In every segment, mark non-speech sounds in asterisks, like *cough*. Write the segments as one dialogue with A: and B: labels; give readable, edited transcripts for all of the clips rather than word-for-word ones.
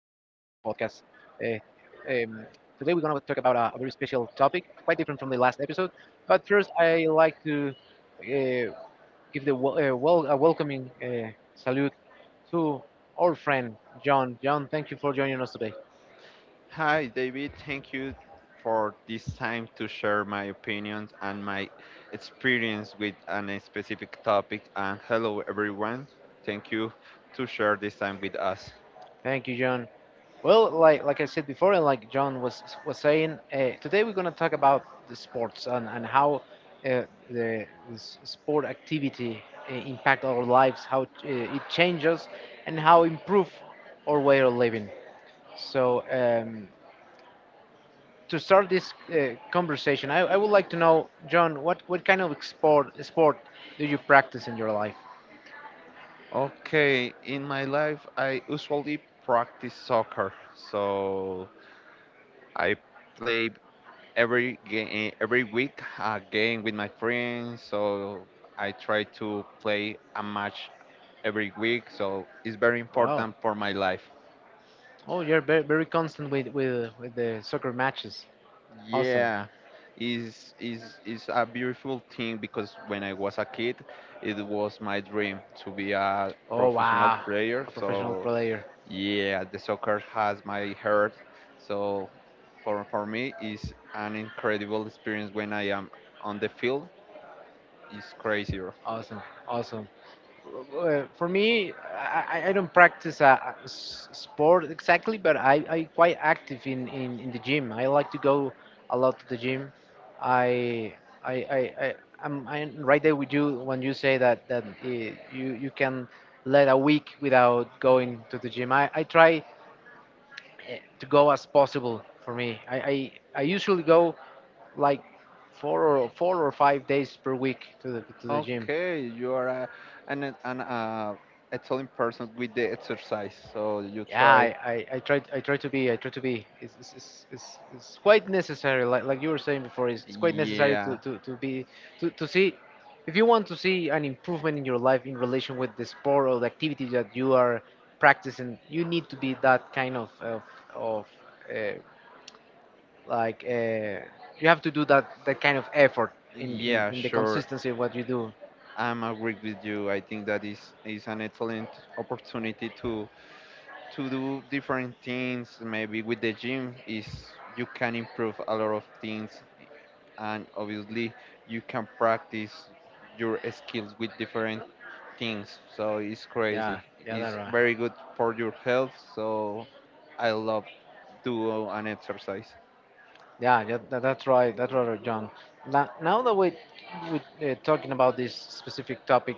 A: um, Today we're gonna talk about a very special topic, quite different from the last episode. But first, I like to uh, give the a welcoming salute to our friend John. John, thank you for joining us today.
B: Hi, David. Thank you for this time to share my opinions and my experience with an a specific topic. And hello, everyone. Thank you to share this time with us.
A: Thank you, John. Well, like I said before, and like John was saying, today we're gonna talk about the sports and how uh, the sport activity impact our lives, how it changes, and how improve our way of living. So to start this conversation, I would like to know, John, what kind of sport do you practice in your life?
B: Okay, in my life, I usually practice soccer. So I play every game, every week a game with my friends. So I try to play a match every week. So it's very important for my life.
A: Oh, you're very, very constant with the soccer matches. Yeah.
B: Yeah, is a beautiful thing because when I was a kid, it was my dream to be a
A: Oh
B: professional
A: wow,
B: player.
A: professional
B: So
A: player.
B: yeah, the soccer has my heart. So for me, is an incredible experience when I am on the field. It's crazier.
A: Awesome, awesome. For me, I don't practice a sport exactly, but I quite active in the gym. I like to go a lot to the gym. I I I, I I'm right there with you when you say that you you can let a week without going to the gym. I try to go as possible for me. I usually go like four or five days per week to the gym.
B: Okay, you are a, an excellent person with the exercise. So you
A: Yeah,
B: try.
A: I try to be it's quite necessary like you were saying before it's quite necessary
B: Yeah,
A: to be to see if you want to see an improvement in your life in relation with the sport or the activity that you are practicing. You need to be that kind of uh, like uh, you have to do that kind of effort
B: yeah,
A: in the
B: sure.
A: consistency of what you do.
B: I'm agree with you. I think that is an excellent opportunity to do different things. Maybe with the gym is you can improve a lot of things, and obviously you can practice your skills with different things. So it's
A: Yeah,
B: crazy.
A: yeah, that's
B: It's
A: right.
B: very good for your health. So I love do an exercise.
A: Yeah, yeah, that's right. That's right, John. Now, now that we talking about this specific topic,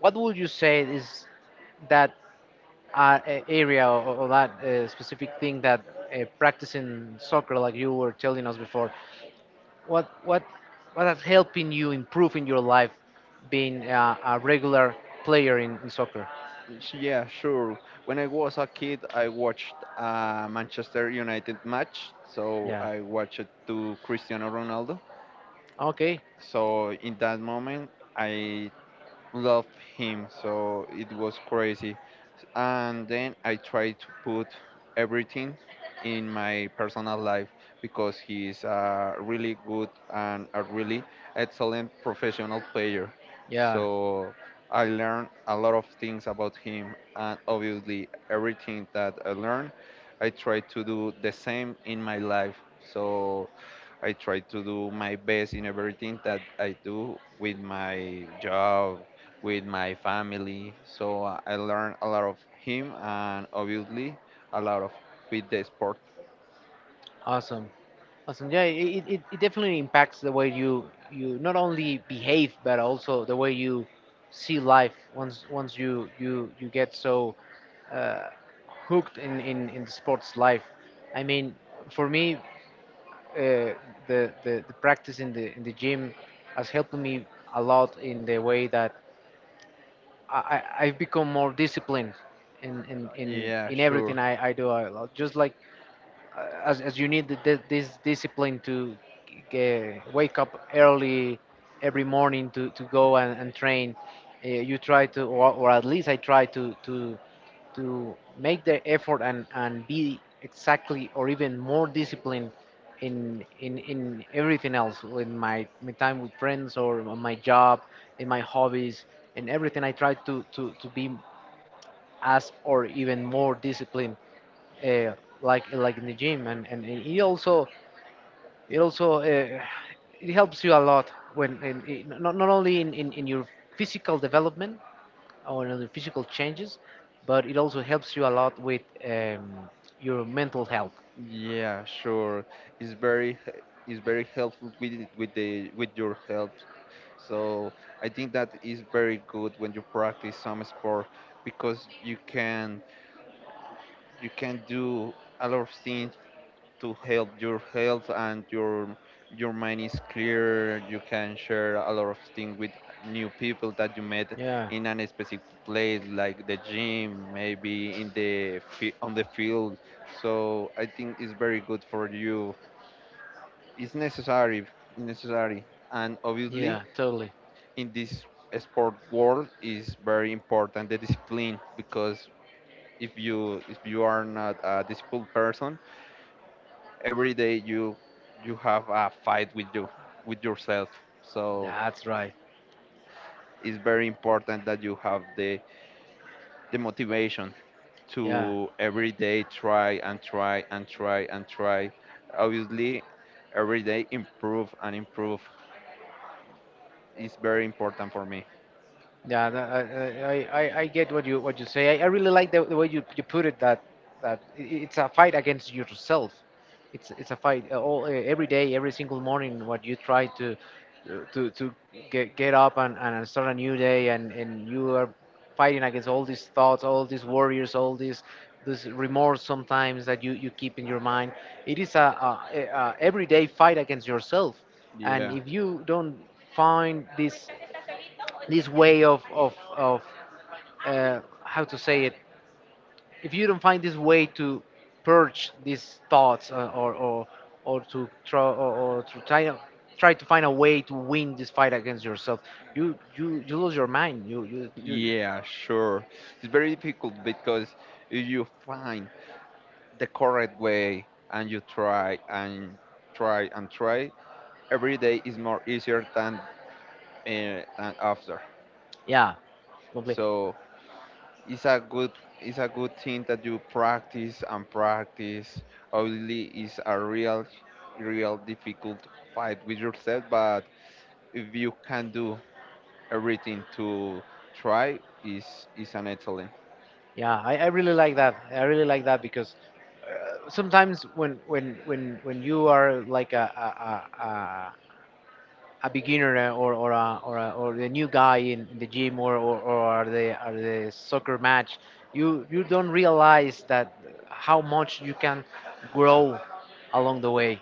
A: what would you say is that area, or that specific thing that practicing soccer, like you were telling us before, what what what has helping you improve in your life, being a regular player in soccer?
B: Yeah, sure. When I was a kid, I watched a Manchester United match, so
A: Yeah.
B: I watched it to Cristiano Ronaldo.
A: Okay.
B: So in that moment, I loved him. So it was crazy, and then I try to put everything in my personal life because he is a really good and a really excellent professional player.
A: Yeah.
B: So I learned a lot of things about him, and obviously everything that I learned, I try to do the same in my life. So I try to do my best in everything that I do with my job, with my family. So I learn a lot of him and obviously a lot of with the sport.
A: Awesome. Awesome. Yeah, it definitely impacts the way you you not only behave but also the way you see life once you get so uh, hooked in the sports life. I mean, for me, uh, the practice in the gym has helped me a lot in the way that I I've become more disciplined
B: Yeah,
A: in
B: sure.
A: everything I do. I, just like as you need this discipline to wake up early every morning to go and train. You try to, or at least I try to make the effort and be exactly or even more disciplined in everything else in my my time with friends or on my job, in my hobbies, in everything I try to be as or even more disciplined, uh, like in the gym. And it also it also uh, it helps you a lot when not, not only in your physical development or in the physical changes, but it also helps you a lot with your mental health.
B: Yeah, sure. It's very he- it's very helpful with the with your health. So I think that is very good when you practice some sport because you can do a lot of things to help your health and your mind is clear. You can share a lot of things with new people that you met in a specific place like the gym, maybe in the on the field. So I think it's very good for you. It's necessary, necessary and obviously
A: Totally. To
B: in this sport world is very important the discipline, because if you are not a disciplined person, every day you
A: have.
B: you have a fight with you, with yourself. So
A: Right. To.
B: it's very important that you have the motivation
A: Yeah.
B: to every day try and try and try and try. Obviously, every day improve and improve is very important for me.
A: Yeah, I get what you say. I really like the way you, you put it that it's a fight against yourself. It's a fight all every day, every single morning, what you try to uh, to to get up and start a new day, and you are fighting against all these thoughts, all these worries, all these this remorse sometimes that you keep in your mind. It is a everyday fight against yourself, and
B: Yeah,
A: if you don't find this way of how to say it if you don't find this way to purge these thoughts or to try try to find a way to win this fight against yourself. You lose your mind. You.
B: yeah, sure. It's very difficult because if you find the correct way and you try and try and try, every day is more easier than, and after.
A: Yeah. Lovely.
B: So it's a good, thing that you practice and practice. Obviously, it's a real difficult fight with yourself, but if you can do everything to try, is an excellent.
A: Yeah, I really like that because sometimes when you are like a beginner, or the new guy in the gym, or the soccer match, you don't realize that how much you can grow along the way,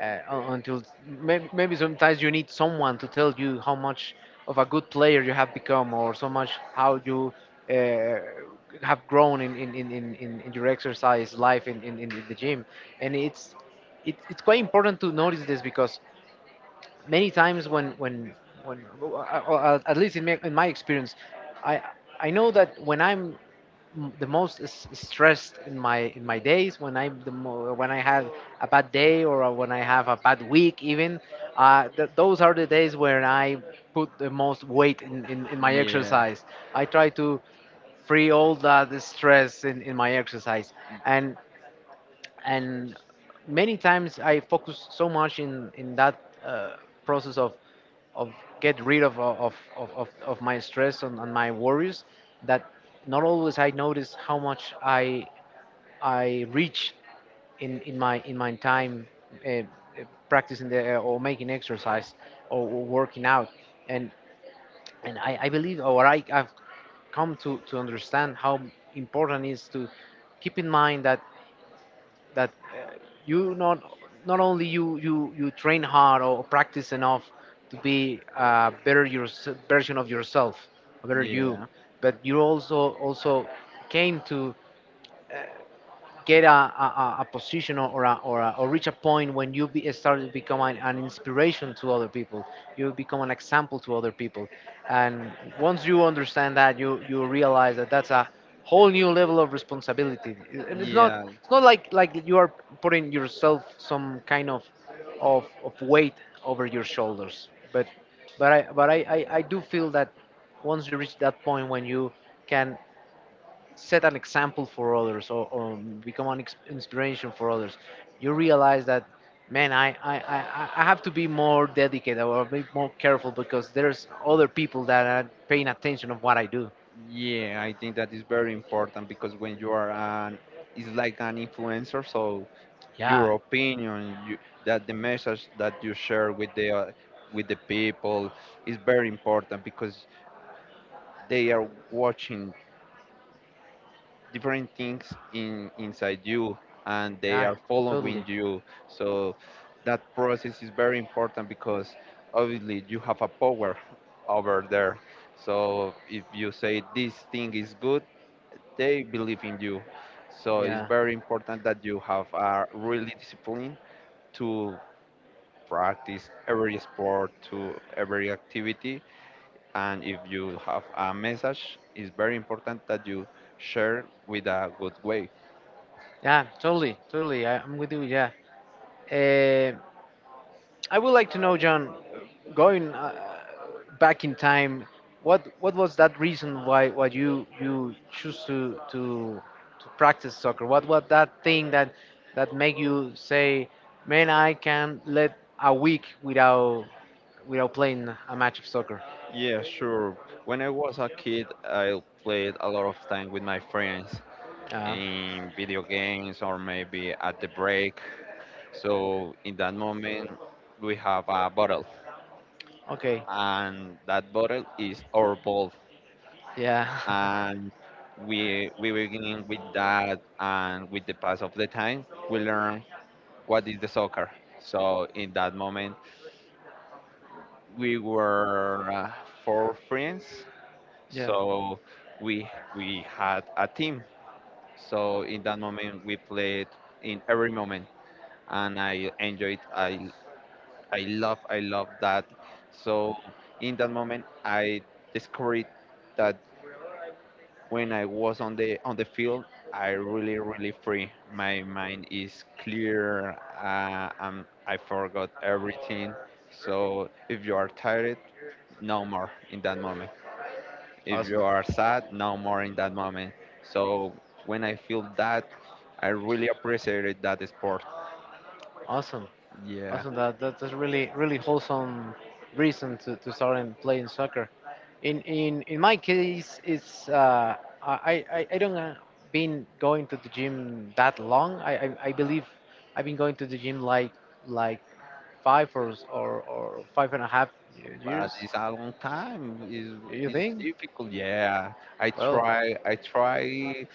A: until maybe, maybe sometimes you need someone to tell you how much of a good player you have become, or so much how you uh, have grown in your exercise life, in the gym. And it's quite important to notice this because many times or at least in in my experience, I I know that when I'm the most stressed in my days, when I'm the when I have a bad day or when I have a bad week even, those are the days where I put the most weight in my
B: Yeah.
A: exercise. I try to free all that stress in my exercise,
B: y-
A: and and many times I focus so much in that uh, process of get rid of my stress and my worries, that not always I notice how much I reach in my time uh, uh, practicing the, or making exercise, or working out. And I believe, or I, I've come to understand how important it is to keep in mind that that uh, you not not only you train hard or practice enough to be a better your version of yourself, a better you,
B: Yeah,
A: but you also also came to get a position, or, a, or, a, or reach a point when start to become an inspiration to other people. You become an example to other people. And once you understand that you realize that that's a whole new level of responsibility. And it's not
B: yeah,
A: like you are putting yourself some kind of weight over your shoulders, but I do feel that once you reach that point when you can set an example for others, or become an inspiration for others, you realize that, man, I have to be more dedicated or be more careful because there's other people that are paying attention of what I do.
B: yeah. I think that is very important because when you are an, it's like an influencer, so
A: Yeah.
B: your opinion you, that the message that you share with the people is very important because they are watching different things in inside you, and they
A: Yeah,
B: are following
A: totally.
B: you. So that process is very important because obviously you have a power over there. So if you say this thing is good, they believe in you. So it's
A: Yeah.
B: very important that you have a really discipline to practice every sport to every activity. And if you have a message, it's very important that you share with a good way.
A: Yeah, totally, totally. I, I'm with you. Yeah. Um, I would like to know, John, going back in time, what was that reason why you you choose to practice soccer? What that thing that that make you say, man, I can let a week without without playing a match of soccer?
B: Yeah, sure. When I was a kid, I played a lot of time with my friends
A: Uh,
B: in video games or maybe at the break. So in that moment, we have a bottle,
A: okay,
B: and that bottle is our ball.
A: yeah,
B: And we begin with that, and with the pass of the time we learn what is the soccer. So in that moment we were four friends.
A: *laughs* yeah,
B: So we had a team. So in that moment we played in every moment, and I enjoyed. I love, that. So in that moment I discovered that when I was on the field, I really really free. My mind is clear. I forgot everything. So if you are tired, no more in that moment. If
A: awesome,
B: you are sad, no more in that moment. So when I feel that, I really appreciated that sport.
A: awesome.
B: Yeah.
A: Awesome. That that's a really really wholesome reason to start in playing soccer. In in my case, it's I don't been going to the gym that long. I, I believe I've been going to the gym like like five or five and a half
B: But
A: years.
B: it's a long time.
A: Do you
B: It's
A: think?
B: difficult. Yeah. I
A: Well.
B: try. I try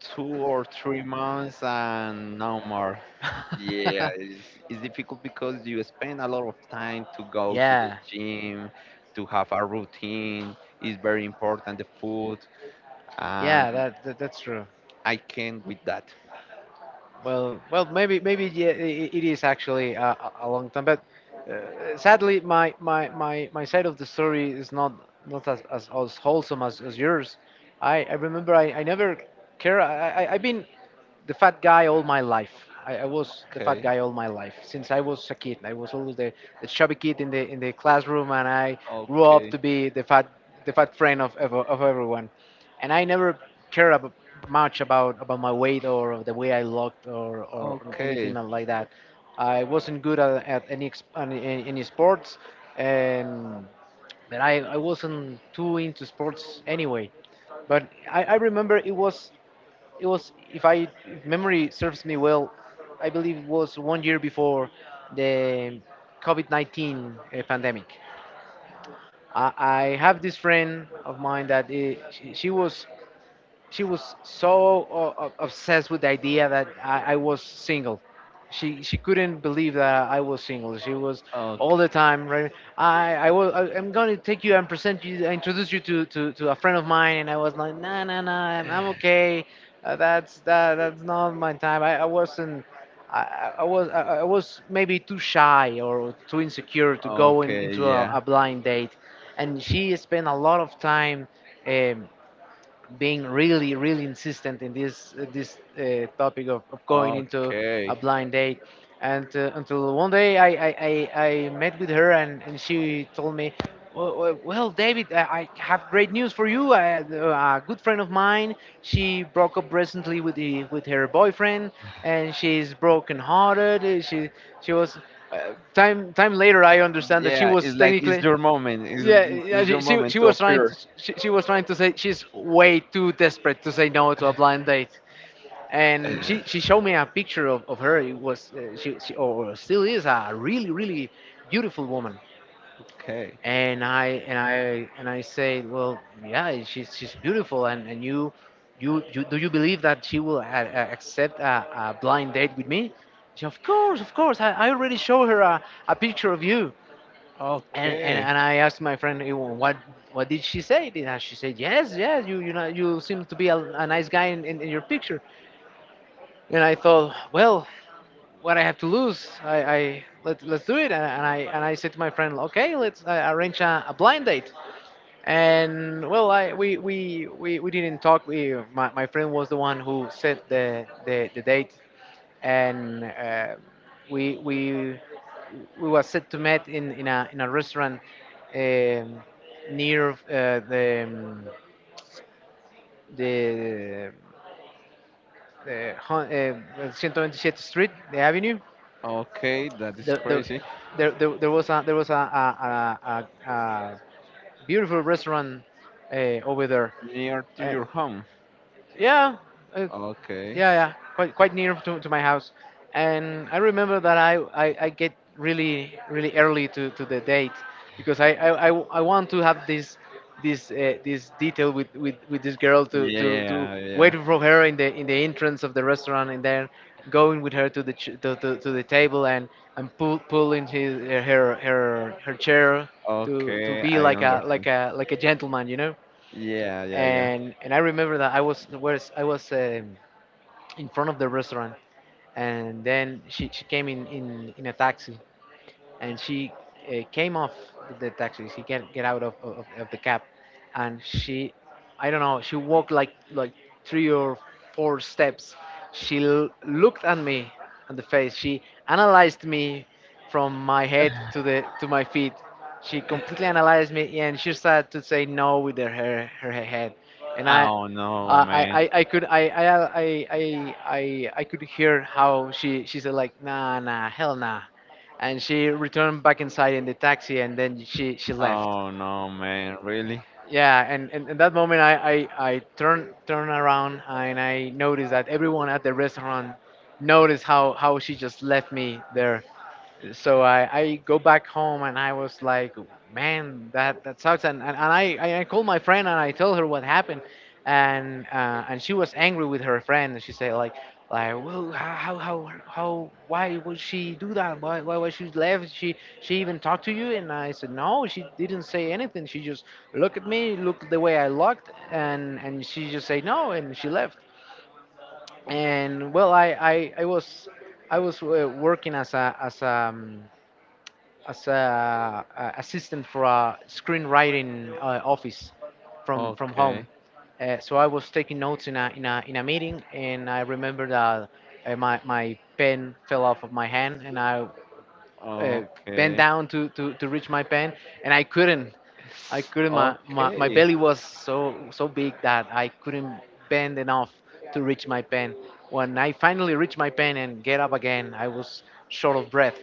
B: 2 or 3 months and no more. Yeah,
A: *laughs*
B: it's difficult because you spend a lot of time to go to the
A: Yeah.
B: gym, to have a routine. It's very important, the food, and
A: Yeah, that that's true.
B: I can with that.
A: Well, well, maybe, maybe yeah, it is actually a long time, but sadly, my side of the story is not not as, as wholesome as yours. I remember I never care. I've been the fat guy all my life. I was the fat
B: Okay,
A: guy all my life since I was a kid. I was always the chubby kid in the classroom, and I grew up
B: okay,
A: to be the fat friend of everyone, and I never care ab- much about my weight or the way I looked or anything
B: okay,
A: like that. I wasn't good at any, any sports, and but I wasn't too into sports anyway. But I remember it was if I if memory serves me well, I believe it was one year before the COVID 19 pandemic. I have this friend of mine that she was so obsessed with the idea that I was single. She couldn't believe that I was single. She was all
B: okay,
A: the time, right? I am going to take you and present you, introduce you to, to a friend of mine. And I was like, nah nah nah, I'm okay. That's not my time. I wasn't. I I was maybe too shy or too insecure to go
B: okay,
A: into
B: yeah,
A: a blind date, and she spent a lot of time. Um, being really really insistent in this this topic of going into a
B: okay.
A: blind date and until one day I met with her, and she told me, well, David, I have great news for you. A good friend of mine, she broke up recently with with her boyfriend, and she's broken hearted. She was Time time later, I understand that she
B: Yeah,
A: was
B: it's like it's
A: technically,
B: your moment.
A: yeah,
B: It's your
A: she
B: moment
A: she
B: to
A: was trying to,
B: appear.
A: she was trying to say, she's way too desperate to say no to a blind date. And she
B: *laughs*
A: showed me a picture of her. It was she or still is a really really beautiful woman.
B: Okay,
A: And I say, well, yeah, she's beautiful, and you do you believe that she will accept a blind date with me? She, of course, of course. I already showed her a picture of you. And,
B: okay,
A: and I asked my friend, what did she say?" And she said, yes, yes, you know, you seem to be a nice guy in your picture. And I thought, well, what I have to lose? I let let's do it. And I said to my friend, okay, let's arrange a blind date. And well, I we didn't talk. My friend was the one who set the date. And we we we were set to meet in a restaurant, um, near the 127th Street, the avenue.
B: okay, that is
A: The, the,
B: crazy.
A: there was a there was a beautiful restaurant uh, over there.
B: Near to
A: Uh,
B: your home.
A: yeah, uh,
B: Okay.
A: yeah, yeah, quite quite near to my house. And I remember that I get really really early to the date, because I want to have this this detail with this girl, to, to
B: Yeah,
A: wait
B: yeah.
A: for her in the entrance of the restaurant, and then going with her to to the table and pulling his, her her her chair, to
B: Okay,
A: be
B: I
A: like a
B: understand.
A: like a like a gentleman, you know.
B: Yeah, yeah, yeah.
A: And I remember that I was. In front of the restaurant. And then she came in a taxi, and she came off the taxi. She can't get out of the cab. And she, I don't know, she walked like three or four steps. She looked at me on the face. She analyzed me from my head to the to my feet. She completely analyzed me, and she started to say no with her head. And I.
B: Oh no,
A: Uh, I,
B: man.
A: I, I could I, I, I could hear how she said like, nah nah hell nah. And she returned back inside in the taxi, and then she left.
B: Oh no, man. Really?
A: Yeah. And and in that moment, I turn around and I noticed that everyone at the restaurant noticed how she just left me there. So I go back home and I was like, man, that, that sucks. I called my friend and I told her what happened. And she was angry with her friend, and she said like, well, how, why would she do that? Why was she left? She even talked to you? And I said, no, she didn't say anything. She just looked at me, looked the way I looked. And she just said no. And she left. And well, I was working as a assistant for a screenwriting office from home.
B: Okay.
A: So I was taking notes in a meeting. And I remember that my pen fell off of my hand, and I uh, bent
B: Okay.
A: down to, to reach my pen, and I couldn't. I couldn't. My
B: Okay.
A: belly was so so big that I couldn't bend enough to reach my pen. When I finally reached my pen and get up again, I was short of breath.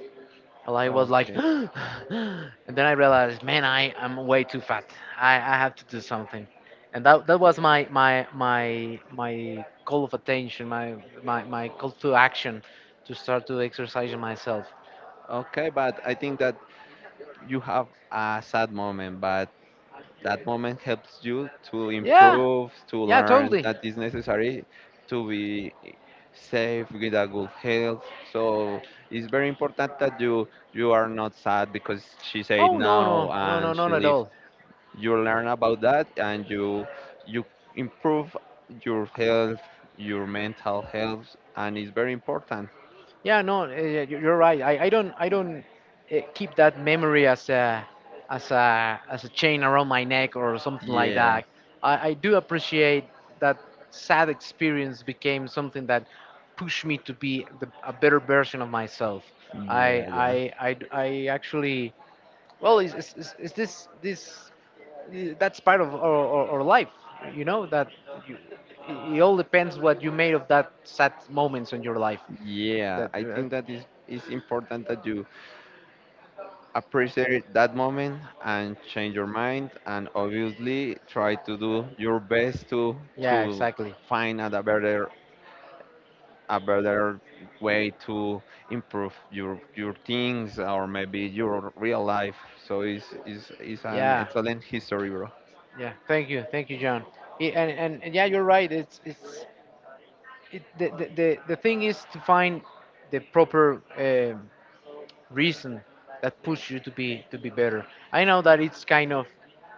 A: Well, I was like, *gasps*
B: Okay.
A: and then I realized, man, I am way too fat. I have to do something. And that was my my call of attention, my my call to action, to start to exercise myself.
B: Okay, but I think that you have a sad moment, but that moment helps you to
A: Yeah,
B: improve, to
A: yeah,
B: learn
A: totally.
B: that is necessary to be safe with a good health. So it's very important that you are not sad because she said
A: Oh no no
B: no
A: no no,
B: and she
A: not at
B: leaves.
A: all.
B: You learn about that, and you you improve your health, your mental health, and it's very important.
A: Yeah, no, yeah, you- you're right. I don't keep that memory as a as a chain around my neck or something like
B: Yeah,
A: that. I do appreciate that sad experience became something that pushed me to be the, a better version of myself.
B: yeah,
A: I I
B: yeah.
A: I actually, well is this this that's part of our life. You know that you, it all depends what you made of that sad moments in your life
B: Yeah,
A: that
B: I think that is important that you appreciate that moment and change your mind, and obviously try to do your best
A: yeah,
B: to
A: exactly.
B: find a better, a better way to improve your things, or maybe your real life. So it's an
A: Yeah.
B: excellent history, bro.
A: Yeah, thank you, John. Yeah, and yeah, you're right. It's it, the thing is to find the proper reason that push you to be better. I know that it's kind of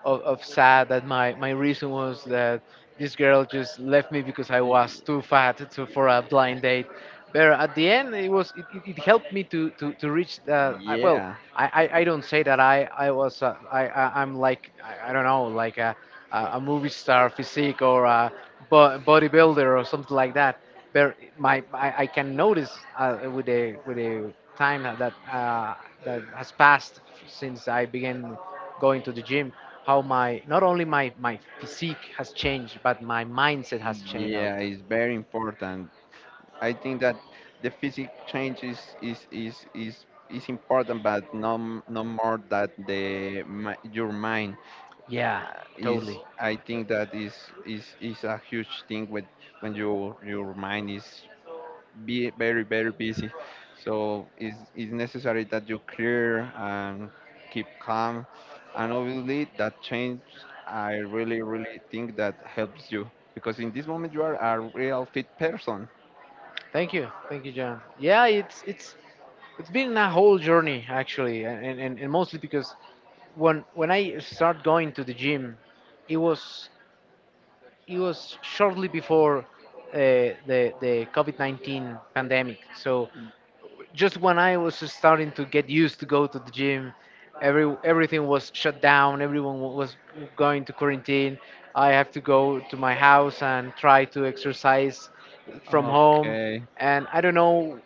A: of sad that my reason was that this girl just left me because I was
B: Y-
A: too fat for a blind date. But at the end, it was it helped me to reach that. I, well,
B: yeah
A: I don't say that I was I'm like, I don't know, like a movie star physique or a bodybuilder or something like that. But my, I can notice with the time that that has passed since I began going to the gym, how my, not only my physique has changed, but my mindset has changed all the
B: yeah,
A: time.
B: it's very important. I think that the physical change is important, but no more that your mind
A: Yeah,
B: is.
A: totally.
B: I think that is a huge thing when your mind is be very very busy. So it's necessary that you clear and keep calm, and obviously that change, I really really think that helps you because in this moment you are a real fit person.
A: Thank you, John. Yeah, it's been a whole journey actually. And and mostly because when I started going to the gym, it was, it was shortly before the COVID 19 pandemic. So just when I was starting to get used to go to the gym, everything was shut down. Everyone was going to quarantine. I have to go to my house and try to exercise from home.
B: Okay.
A: And I don't know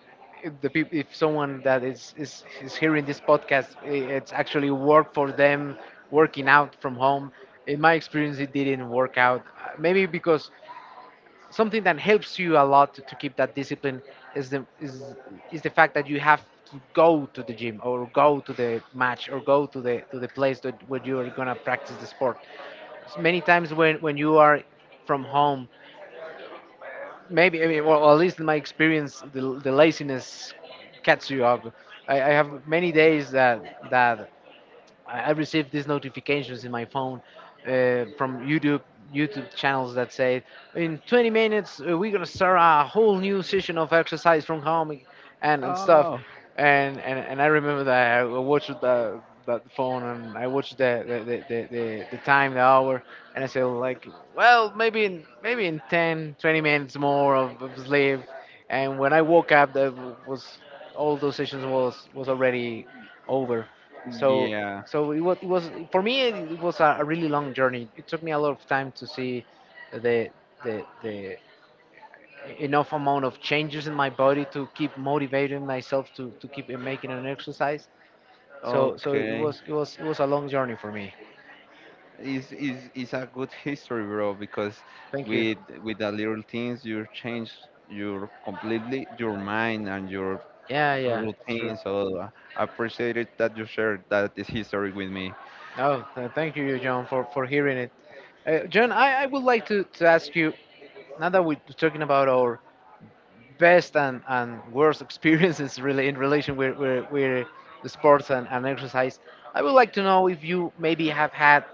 A: if if someone that is hearing this podcast, it's actually work for them working out from home. In my experience, it didn't work out. Maybe because something that helps you a lot to keep that discipline is the is is the fact that you have to go to the gym or go to the match or go to the place that where you are gonna practice the sport. Many times when you are from home, maybe, I mean, well, at least in my experience, the laziness catch you up. I have many days that that I received these notifications in my phone from YouTube channels that say, in 20 minutes we're gonna start a whole new session of exercise from home and stuff.
B: Oh,
A: And I remember that I watched the that phone and I watched the time, the hour. And I said like, well, maybe in, maybe in 10 20 minutes more of sleep. And when I woke up, that was, all those sessions was already over. So
B: yeah.
A: so it was for me, it was a really long journey. It took me a lot of time to see the the enough amount of changes in my body to keep motivating myself to keep making an exercise. So
B: Okay.
A: it was a long journey for me.
B: Is a good *laughs* history, bro. Because
A: Thank you.
B: with the little things, you change your completely your mind and your
A: Yeah, yeah, that's true.
B: routine. So I appreciate it that you shared that this history with me.
A: Oh, thank you, John, for hearing it. John, I would like to ask you now that we're talking about our best and worst *laughs* experiences really in relation with the sports and exercise. I would like to know if you maybe have had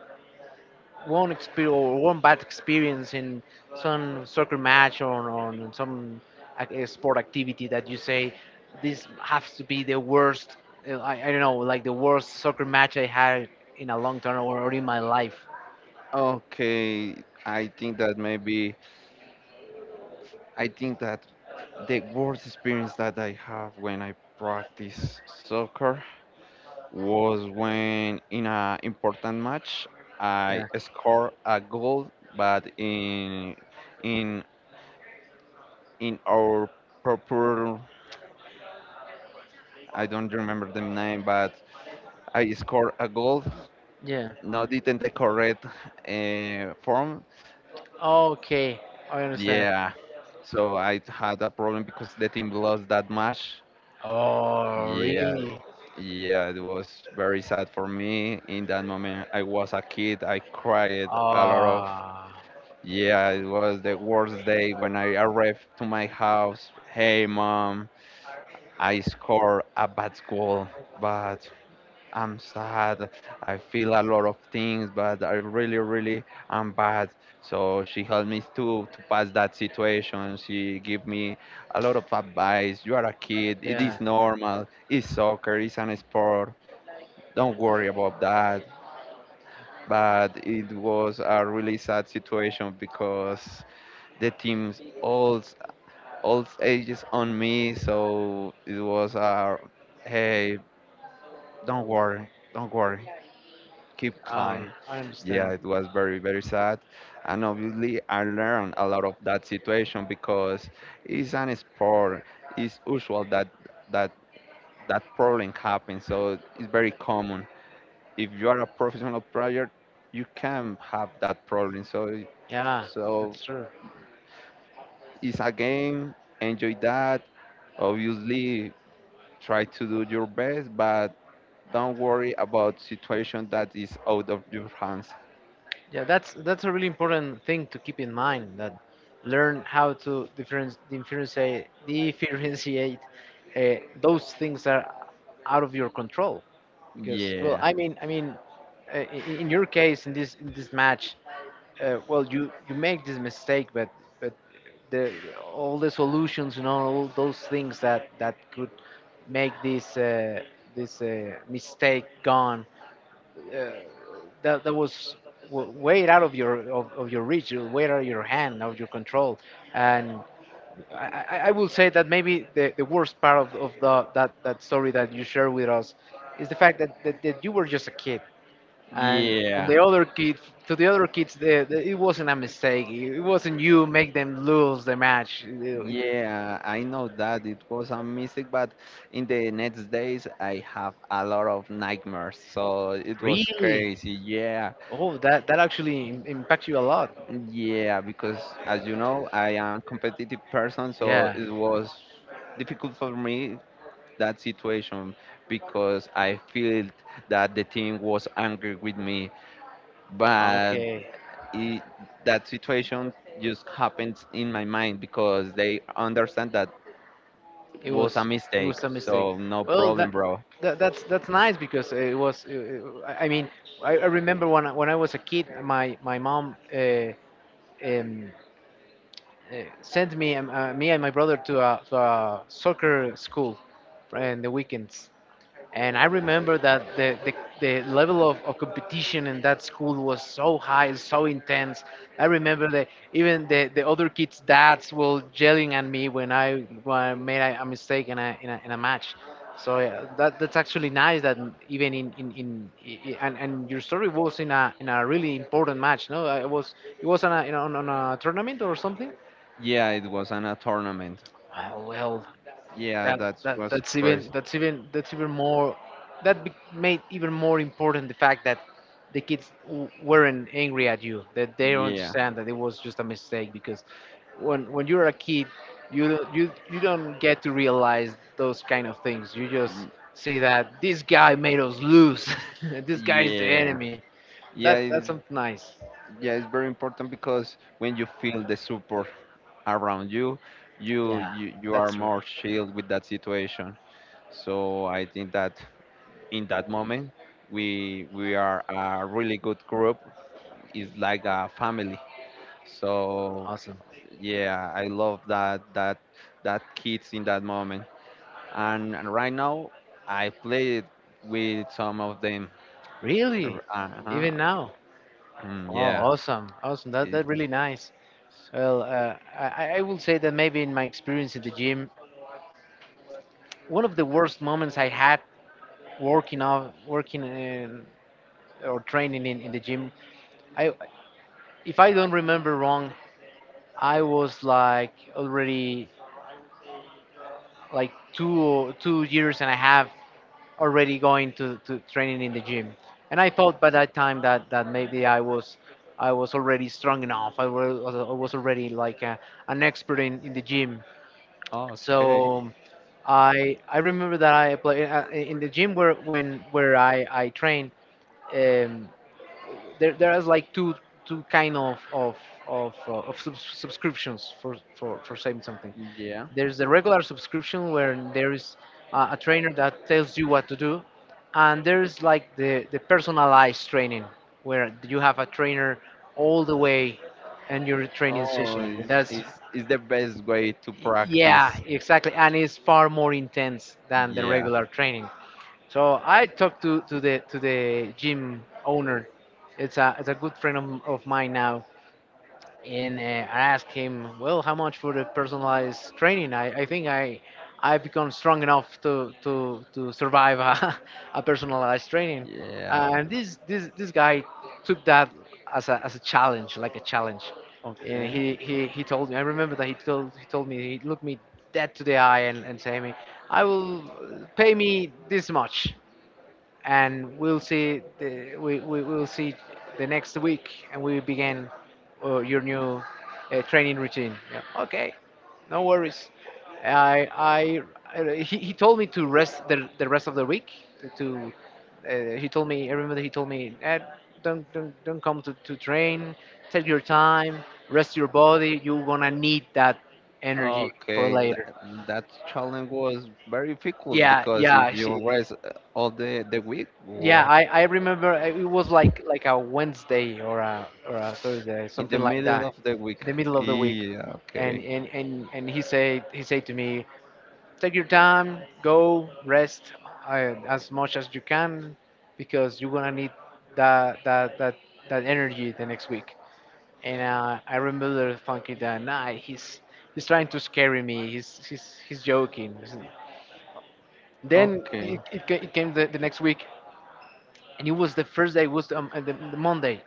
A: one experience or one bad experience in some soccer match or on some sport activity that you say this has to be the worst. I don't know, like the worst soccer match I had in a long time or in my life.
B: Okay, I think that maybe, I think that the worst experience that I have when I practice soccer was when in an important match I
A: Yeah.
B: scored a goal, but in in in our purple. I don't remember the name, but I scored a goal.
A: Yeah.
B: Not it in the correct form.
A: Okay. I understand.
B: Yeah, so I had a problem because the team lost that match.
A: Oh,
B: Yeah,
A: really?
B: yeah, it was very sad for me. In that moment, I was a kid. I cried a lot of.
A: Ah.
B: Yeah, it was the worst day when I arrived to my house. Hey, mom, I scored a bad goal, but I'm sad. I feel a lot of things, but I really, really am bad. So she helped me to pass that situation. She gave me a lot of advice. You are a kid. It
A: Yeah,
B: is normal. It's soccer. It's an sport. Don't worry about that. But it was a really sad situation because the team's all ages on me. So it was a, hey, don't worry, keep calm.
A: I
B: Yeah,
A: understand.
B: it was very, very sad. And obviously, I learned a lot of that situation because it's an sport. It's usual that that problem happens, so it's very common. If you are a professional player, you can have that problem. So,
A: Yeah,
B: so
A: that's true.
B: it's a game. Enjoy that. Obviously, try to do your best, but don't worry about situation that is out of your hands.
A: Yeah, that's a really important thing to keep in mind that learn how to difference differentiate differentiate uh, those things that are out of your control. Because well,
B: Yeah.
A: I mean, in your case, in this match, well, you make this mistake, but the all the solutions, you know, all those things that that could make this this mistake gone. Uh, that was way out of your of your reach, way out of your hand, out of your control, and I, I will say that maybe the worst part of the that story that you share with us is the fact that you were just a kid, and
B: Yeah.
A: the other kids, the, it wasn't a mistake, it wasn't you make them lose the match.
B: Yeah, I know that it was a mistake, but in the next days I have a lot of nightmares, so it was
A: Really?
B: crazy. Yeah,
A: Oh, that that actually impacts you a lot.
B: yeah, because as you know, I am competitive person, so
A: Yeah.
B: it was difficult for me that situation because I felt that the team was angry with me, but
A: Okay.
B: it, that situation just happens in my mind because they understand that
A: It
B: was a
A: was it
B: mistake,
A: was a mistake.
B: so no
A: Well,
B: problem, bro.
A: that's nice because it was I mean, I remember when when I was a kid, my mom um, uh, sent me and me and my brother to a soccer school in the weekends. And I remember that the level of competition in that school was so high, so intense. I remember that even the other kids' dads were yelling at me when when I made a mistake in a, in a, in a match. So yeah, that's actually nice that even in I- and your story was in a really important match, no? It was on a, you know, on a tournament or something?
B: Yeah, it was on a tournament.
A: Well,
B: Yeah, that was crazy.
A: that's even more, that made even more important the fact that the kids weren't angry at you, that they
B: Yeah,
A: understand that it was just a mistake. Because when you're a kid, you you don't get to realize those kind of things, you just see that this guy made us lose *laughs* this guy is the
B: yeah,
A: enemy.
B: yeah.
A: That's
B: It's,
A: something nice.
B: yeah, it's very important because when you feel the support around you,
A: Yeah,
B: you
A: that's
B: are
A: true.
B: more chilled with that situation. So I think that in that moment, we are a really good group. It's like a family. So
A: Awesome.
B: yeah, I love that that kids in that moment. And Right now I played with some of them.
A: Really? Even
B: Uh-huh.
A: now?
B: Mm,
A: Oh,
B: yeah.
A: awesome, awesome, that
B: It's,
A: that's really nice. Well, I will say that maybe in my experience in the gym, one of the worst moments I had working off, working in, or training in the gym, I, if I don't remember wrong, I was like already like 2 years and a half already going to training in the gym, and I thought by that time that maybe I was already strong enough. I was already like a, an expert in the gym.
B: okay.
A: So I remember that I play in the gym where when where I train. Um, there there is like two two kind of subscriptions for saying something.
B: Yeah.
A: There's the regular subscription where there is a trainer that tells you what to do, and there's like the personalized training where you have a trainer all the way in your training
B: Oh,
A: session.
B: it's,
A: That's—
B: it's the best way to
A: Y- Yeah,
B: practice.
A: exactly, and it's far more intense than the
B: Yeah.
A: regular training. So I talked to the gym owner. It's a, it's a good friend of mine now, and I asked him, "Well, how much for the personalized training? I think I— I've become strong enough to survive a *laughs* a personalized training,"
B: Yeah.
A: and this guy took that as a, as a challenge, like a challenge, and
B: Okay.
A: he told me. I remember that he told me, he looked me dead to the eye, and said to me, "I will pay me this much, and we'll see we will see the next week, and we begin your new training routine. Yeah. Okay, no worries." He told me to rest the rest of the week, to he told me, I remember he told me, "Ed, don't come to train, take your time, rest your body. You're gonna need that energy for
B: Okay.
A: later."
B: That, that challenge was very difficult
A: yeah
B: because if
A: yeah
B: you
A: she,
B: rest all the week,
A: Yeah,
B: wow,
A: I remember it was like a Wednesday or a Thursday,
B: in the
A: something like
B: middle
A: that,
B: of the week.
A: in the middle of the week,
B: Yeah.
A: and
B: Okay.
A: he said to me, "Take your time, go rest as much as you can, because you're gonna need that that that that energy the next week." And I remember thinking that nah, he's trying to scare me, he's joking. Then
B: Okay.
A: it came the next week, and it was the first day, was the Monday,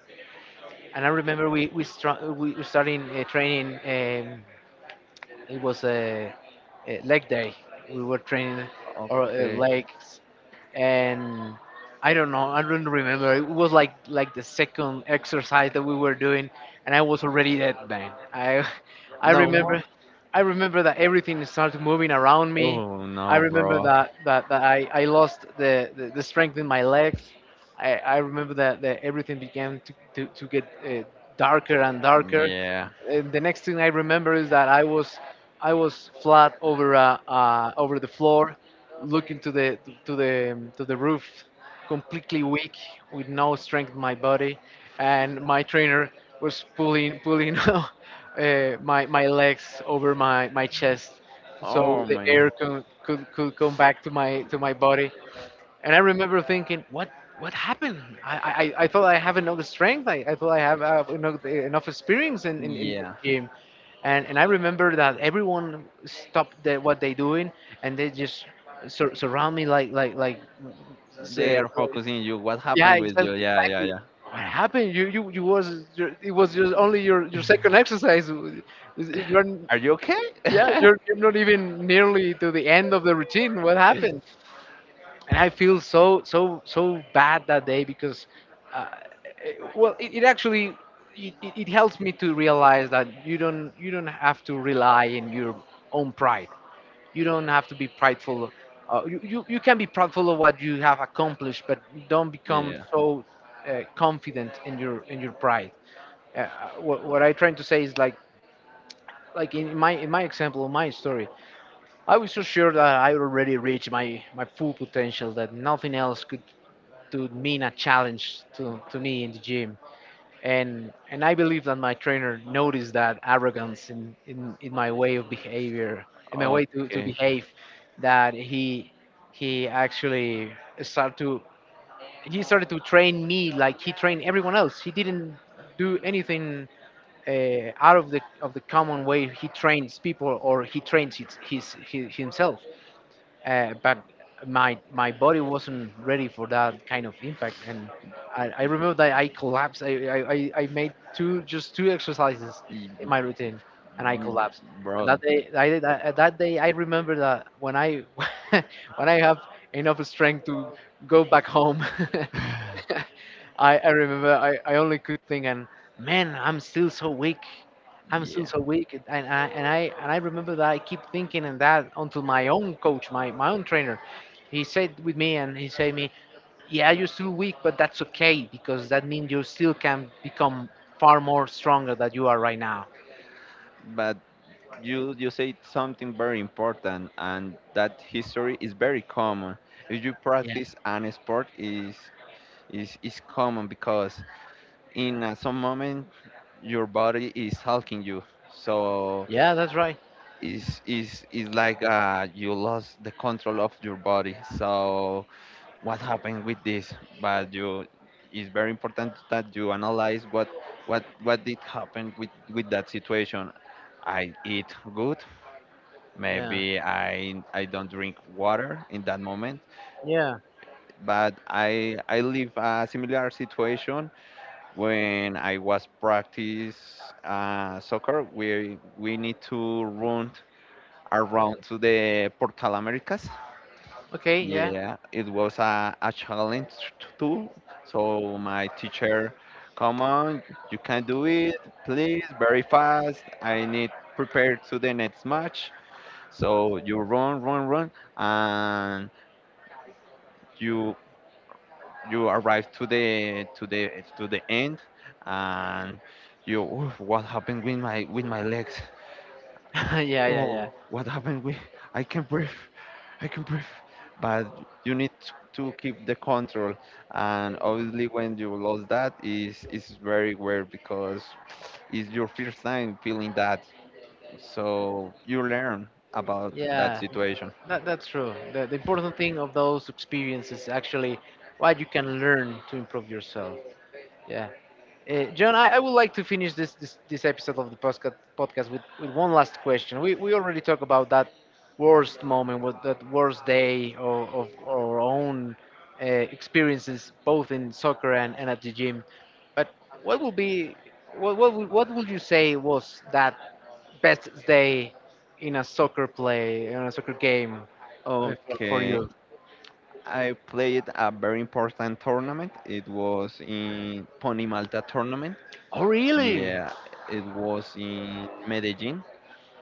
A: and I remember we starting training it was a leg day, we were training our
B: Okay.
A: legs, and I don't know, I don't remember, it was like the second exercise that we were doing, and I was already dead, man. I *laughs* I
B: No more.
A: remember I remember that everything started moving around me.
B: Oh
A: I
B: no,
A: remember
B: bro.
A: that i lost the strength in my legs. I remember that everything began to get darker and darker.
B: Yeah.
A: And the next thing I remember is that I was flat over over the floor, looking to the to the roof, completely weak, with no strength in my body, and my trainer was pulling *laughs* my legs over my chest, so
B: Oh
A: the
B: man.
A: air could come back to my body. And I remember thinking, what happened? I thought I have enough strength. I thought I have enough experience in the
B: Yeah.
A: gym. And I remember that everyone stopped what they doing, and they just surround me like
B: They
A: say,
B: are focusing you. What
A: yeah,
B: happened with
A: exactly,
B: you? Yeah,
A: exactly.
B: yeah,
A: What happened? You was your— it was just only your
B: yeah.
A: second exercise. You're—
B: *laughs* Are you okay?
A: yeah,
B: *laughs*
A: you're not even nearly to the end of the routine. What happened? And I feel so bad that day because, uh, well, it actually it helps me to realize that you don't have to rely in your own pride. You don't have to be prideful. You can be proudful of what you have accomplished, but don't become
B: Yeah.
A: so confident in your pride. Uh, what I'm trying to say is like in my example, my story, I was so sure that I already reached my full potential, that nothing else could to mean a challenge to me in the gym. And I believe that my trainer noticed that arrogance in my way of behavior, in my way to
B: Okay.
A: behave, that he actually started to— he started to train me like he trained everyone else. He didn't do anything out of the, of the common way he trains people, or he trains his himself, but my body wasn't ready for that kind of impact. And I remember that I collapsed. I made two, just two exercises
B: Y-
A: in my routine and I collapsed. And
B: Bro.
A: that day that day I remember that when I *laughs* when I have enough strength to go back home, *laughs* I remember I only could think, and man, I'm still so weak, I'm still
B: Yeah.
A: so weak. And I remember that I keep thinking and that until my own coach, my own trainer, he said with me, and he said me, yeah, you're still weak, but that's okay, because that means you still can become far more stronger than you are right now.
B: But you say something very important, and that history is very common. If you
A: Yeah,
B: practice an sport, is common because in some moment your body is helping you. So
A: yeah, that's right.
B: is like you lost the control of your body. So what happened with this? But you, it's very important that you analyze what did happen with that situation. I eat good.
A: Yeah,
B: Maybe I don't drink water in that moment.
A: yeah,
B: But I live a similar situation when I was practice soccer. We need to run around to the Portal Americas.
A: okay, yeah,
B: Yeah, it was a challenge too. So my teacher, come on, you can do it, please, very fast. I need prepare to the next match. So you run, and you you arrive to the to the to the end, and you, "Oof, what happened with my, with my legs?
A: *laughs* yeah, yeah, yeah,
B: Oh, what happened with, I can breathe. i can breathe but you need to keep the control, and obviously when you lose that is very weird because it's your first time feeling that, so you learn about that
A: yeah.
B: situation.
A: That's true. The important thing of those experiences is actually what you can learn to improve yourself. Yeah. John, I would like to finish this episode of the podcast with one last question. We already talked about that worst moment, that worst day of our own experiences, both in soccer and at the gym. But what will be, what would you say was that best day in a soccer game for
B: Okay,
A: you?
B: I played a very important tournament. It was in Pony Malta tournament.
A: Oh, really?
B: Yeah, it was in medellin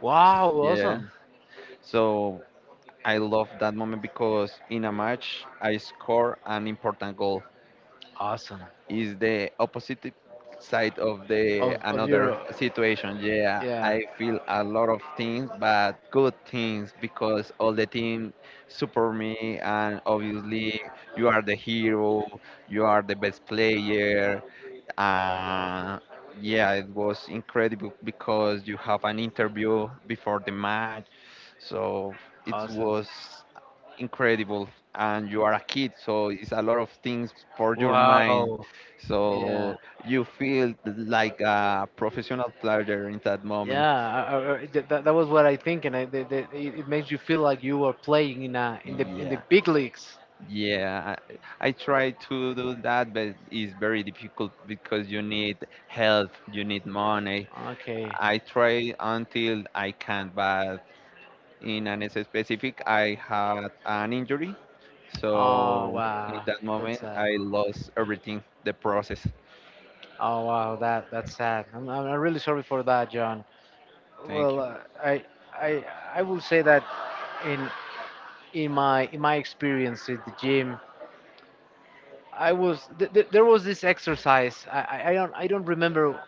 A: Wow,
B: yeah,
A: awesome.
B: so I love that moment because in a match I score an important goal.
A: Awesome.
B: Is the opposite side of the
A: Of
B: another
A: your,
B: situation. Yeah,
A: yeah,
B: I feel a lot of things, but good things because all the team support me, and obviously you are the hero, you are the best player. Uh, yeah, it was incredible because you have an interview before the match, so it
A: awesome.
B: was incredible. And you are a kid, so it's a lot of things for your mind.
A: Wow. Yeah.
B: So you feel like a professional player in that moment.
A: Yeah. That was what I think, and I, that, that, it makes you feel like you are playing in a, in the
B: Yeah,
A: big leagues.
B: yeah, I try to do that, but it's very difficult because you need help, you need money.
A: Okay.
B: I try until I can, but in an specific I had an injury.
A: Oh
B: So in
A: wow.
B: that
A: That's
B: moment
A: sad.
B: I lost everything, the process.
A: Oh wow. That's sad. I'm really sorry for that, John.
B: Thank
A: Well,
B: you.
A: I I I will say that in my experience at the gym I was th- th- there was this exercise. I don't remember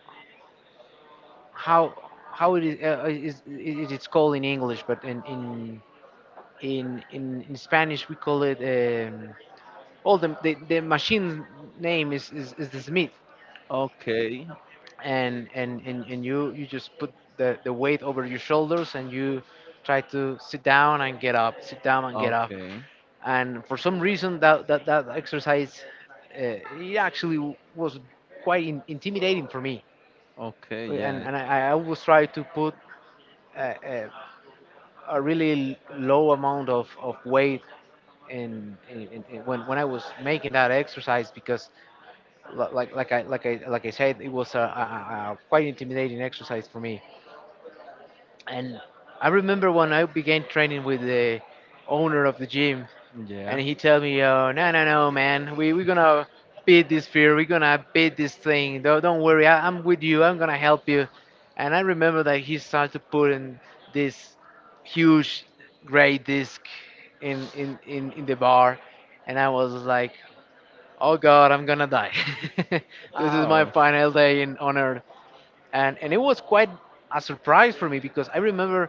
A: how how it it's called in English, but in Spanish we call it, all the, the machine name is the Smith.
B: Okay,
A: And you just put the weight over your shoulders and you try to sit down and get up, sit down and get up.
B: okay,
A: And for some reason that exercise, it actually was quite intimidating for me.
B: okay, yeah,
A: And I always try to put a, a, a really low amount of weight when I was making that exercise, because I said, it was a quite intimidating exercise for me. And I remember when I began training with the owner of the gym,
B: yeah.
A: and he told me, "Oh, no, no, no, man, we we're gonna beat this fear. We're gonna beat this thing. Don't worry, I'm with you. I'm gonna help you." And I remember that he started to put in this huge gray disc in the bar, and I was like, "Oh God, I'm gonna die. *laughs* This is my
B: Oh,
A: final day in on earth." And it was quite a surprise for me because I remember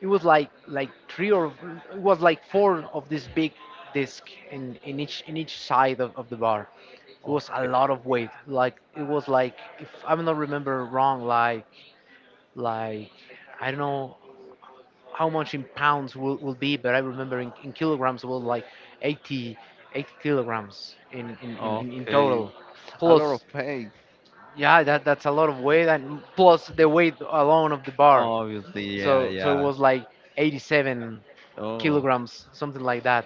A: it was like three, or it was like four of this big disc in each side of the bar. It was a
B: okay,
A: lot of weight. Like, it was like, if I'm not remember wrong, like, I don't know how much in pounds will be, but I remember in kilograms it was like 80, eighty kilograms in
B: okay.
A: total,
B: A lot
A: plus
B: of pain,
A: yeah that's a lot of weight, and plus the weight alone of the bar.
B: obviously, yeah,
A: So so it
B: yeah.
A: was like 87
B: Oh,
A: kilograms, something like that.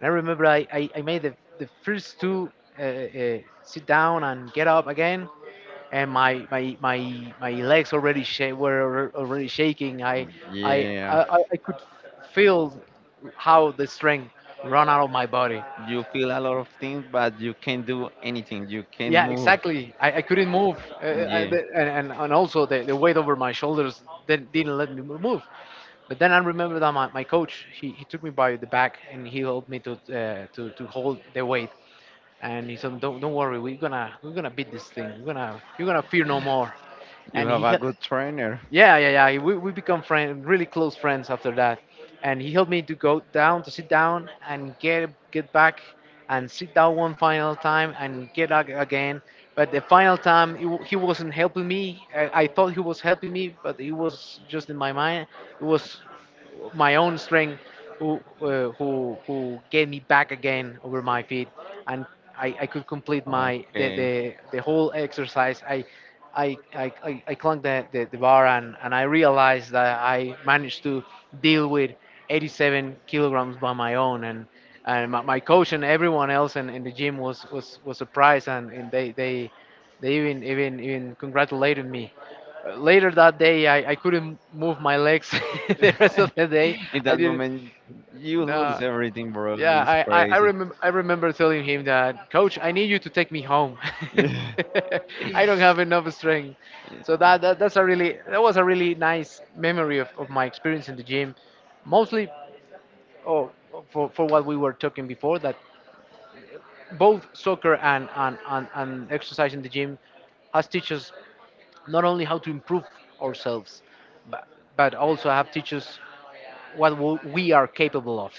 A: And I remember I made the first two sit down and get up again, and my legs already already shaking. i i i,
B: yeah.
A: I I could feel how the strength run out of my body.
B: You feel a lot of things, but you can't do anything. You can't
A: Yeah,
B: move.
A: exactly. I couldn't move,
B: Yeah,
A: and also the weight over my shoulders didn't let me move. But then I remember that my coach, he took me by the back and he helped me to hold the weight. And he said, don't worry, we're gonna beat this thing. We're gonna you're gonna fear no more."
B: you
A: And
B: have
A: he
B: a
A: had.
B: good trainer.
A: Yeah, yeah, yeah. We become friend, really close friends after that, and he helped me to go down, to sit down and get back, and sit down one final time and get up again. But the final time he wasn't helping me. I thought he was helping me, but he was just in my mind. It was my own strength who, who get me back again over my feet. And I could complete
B: Okay.
A: the whole exercise. I clung the bar, and I realized that I managed to deal with 87 kilograms by my own. And my, my coach and everyone else in the gym was surprised, and they even congratulated me. Later that day, I couldn't move my legs *laughs* the rest of the
B: *laughs*
A: day.
B: In
A: I
B: that
A: didn't.
B: moment, you lose
A: No.
B: everything, bro.
A: Yeah,
B: It's crazy.
A: remember, I remember telling him that, "Coach, I need you to take me home."
B: *laughs*
A: *laughs* I don't have enough strength. So that was a really nice memory of my experience in the gym, mostly oh, for what we were talking before, that both soccer and exercise in the gym has teaches not only how to improve ourselves, but, but also have teach what we are capable of.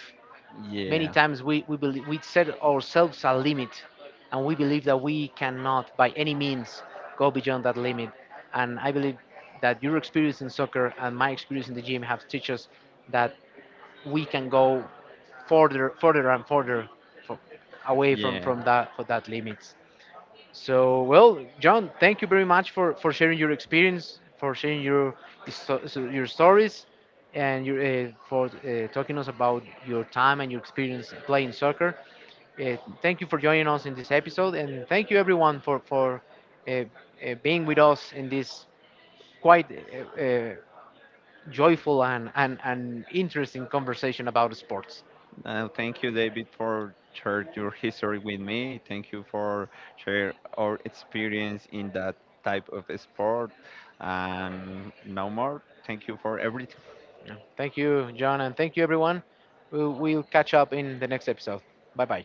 A: Many
B: Yeah,
A: times believe, we set ourselves a limit, and we believe that we cannot by any means go beyond that limit. And I believe that your experience in soccer and my experience in the gym have teach us that we can go further, further and further, for, away
B: yeah,
A: from that, for that limits. So, well, John, thank you very much for sharing your experience, for sharing your your stories, and your, for talking us about your time and your experience playing soccer. Thank you for joining us in this episode, and thank you everyone for uh, uh, being with us in this quite joyful and, and interesting conversation about sports.
B: uh, thank you, David, for sharing your history with me. Thank you for share our experience in that type of sport. And no more. Thank you for everything.
A: Yeah. Thank you, John, and thank you everyone. We'll catch up in the next episode. Bye bye.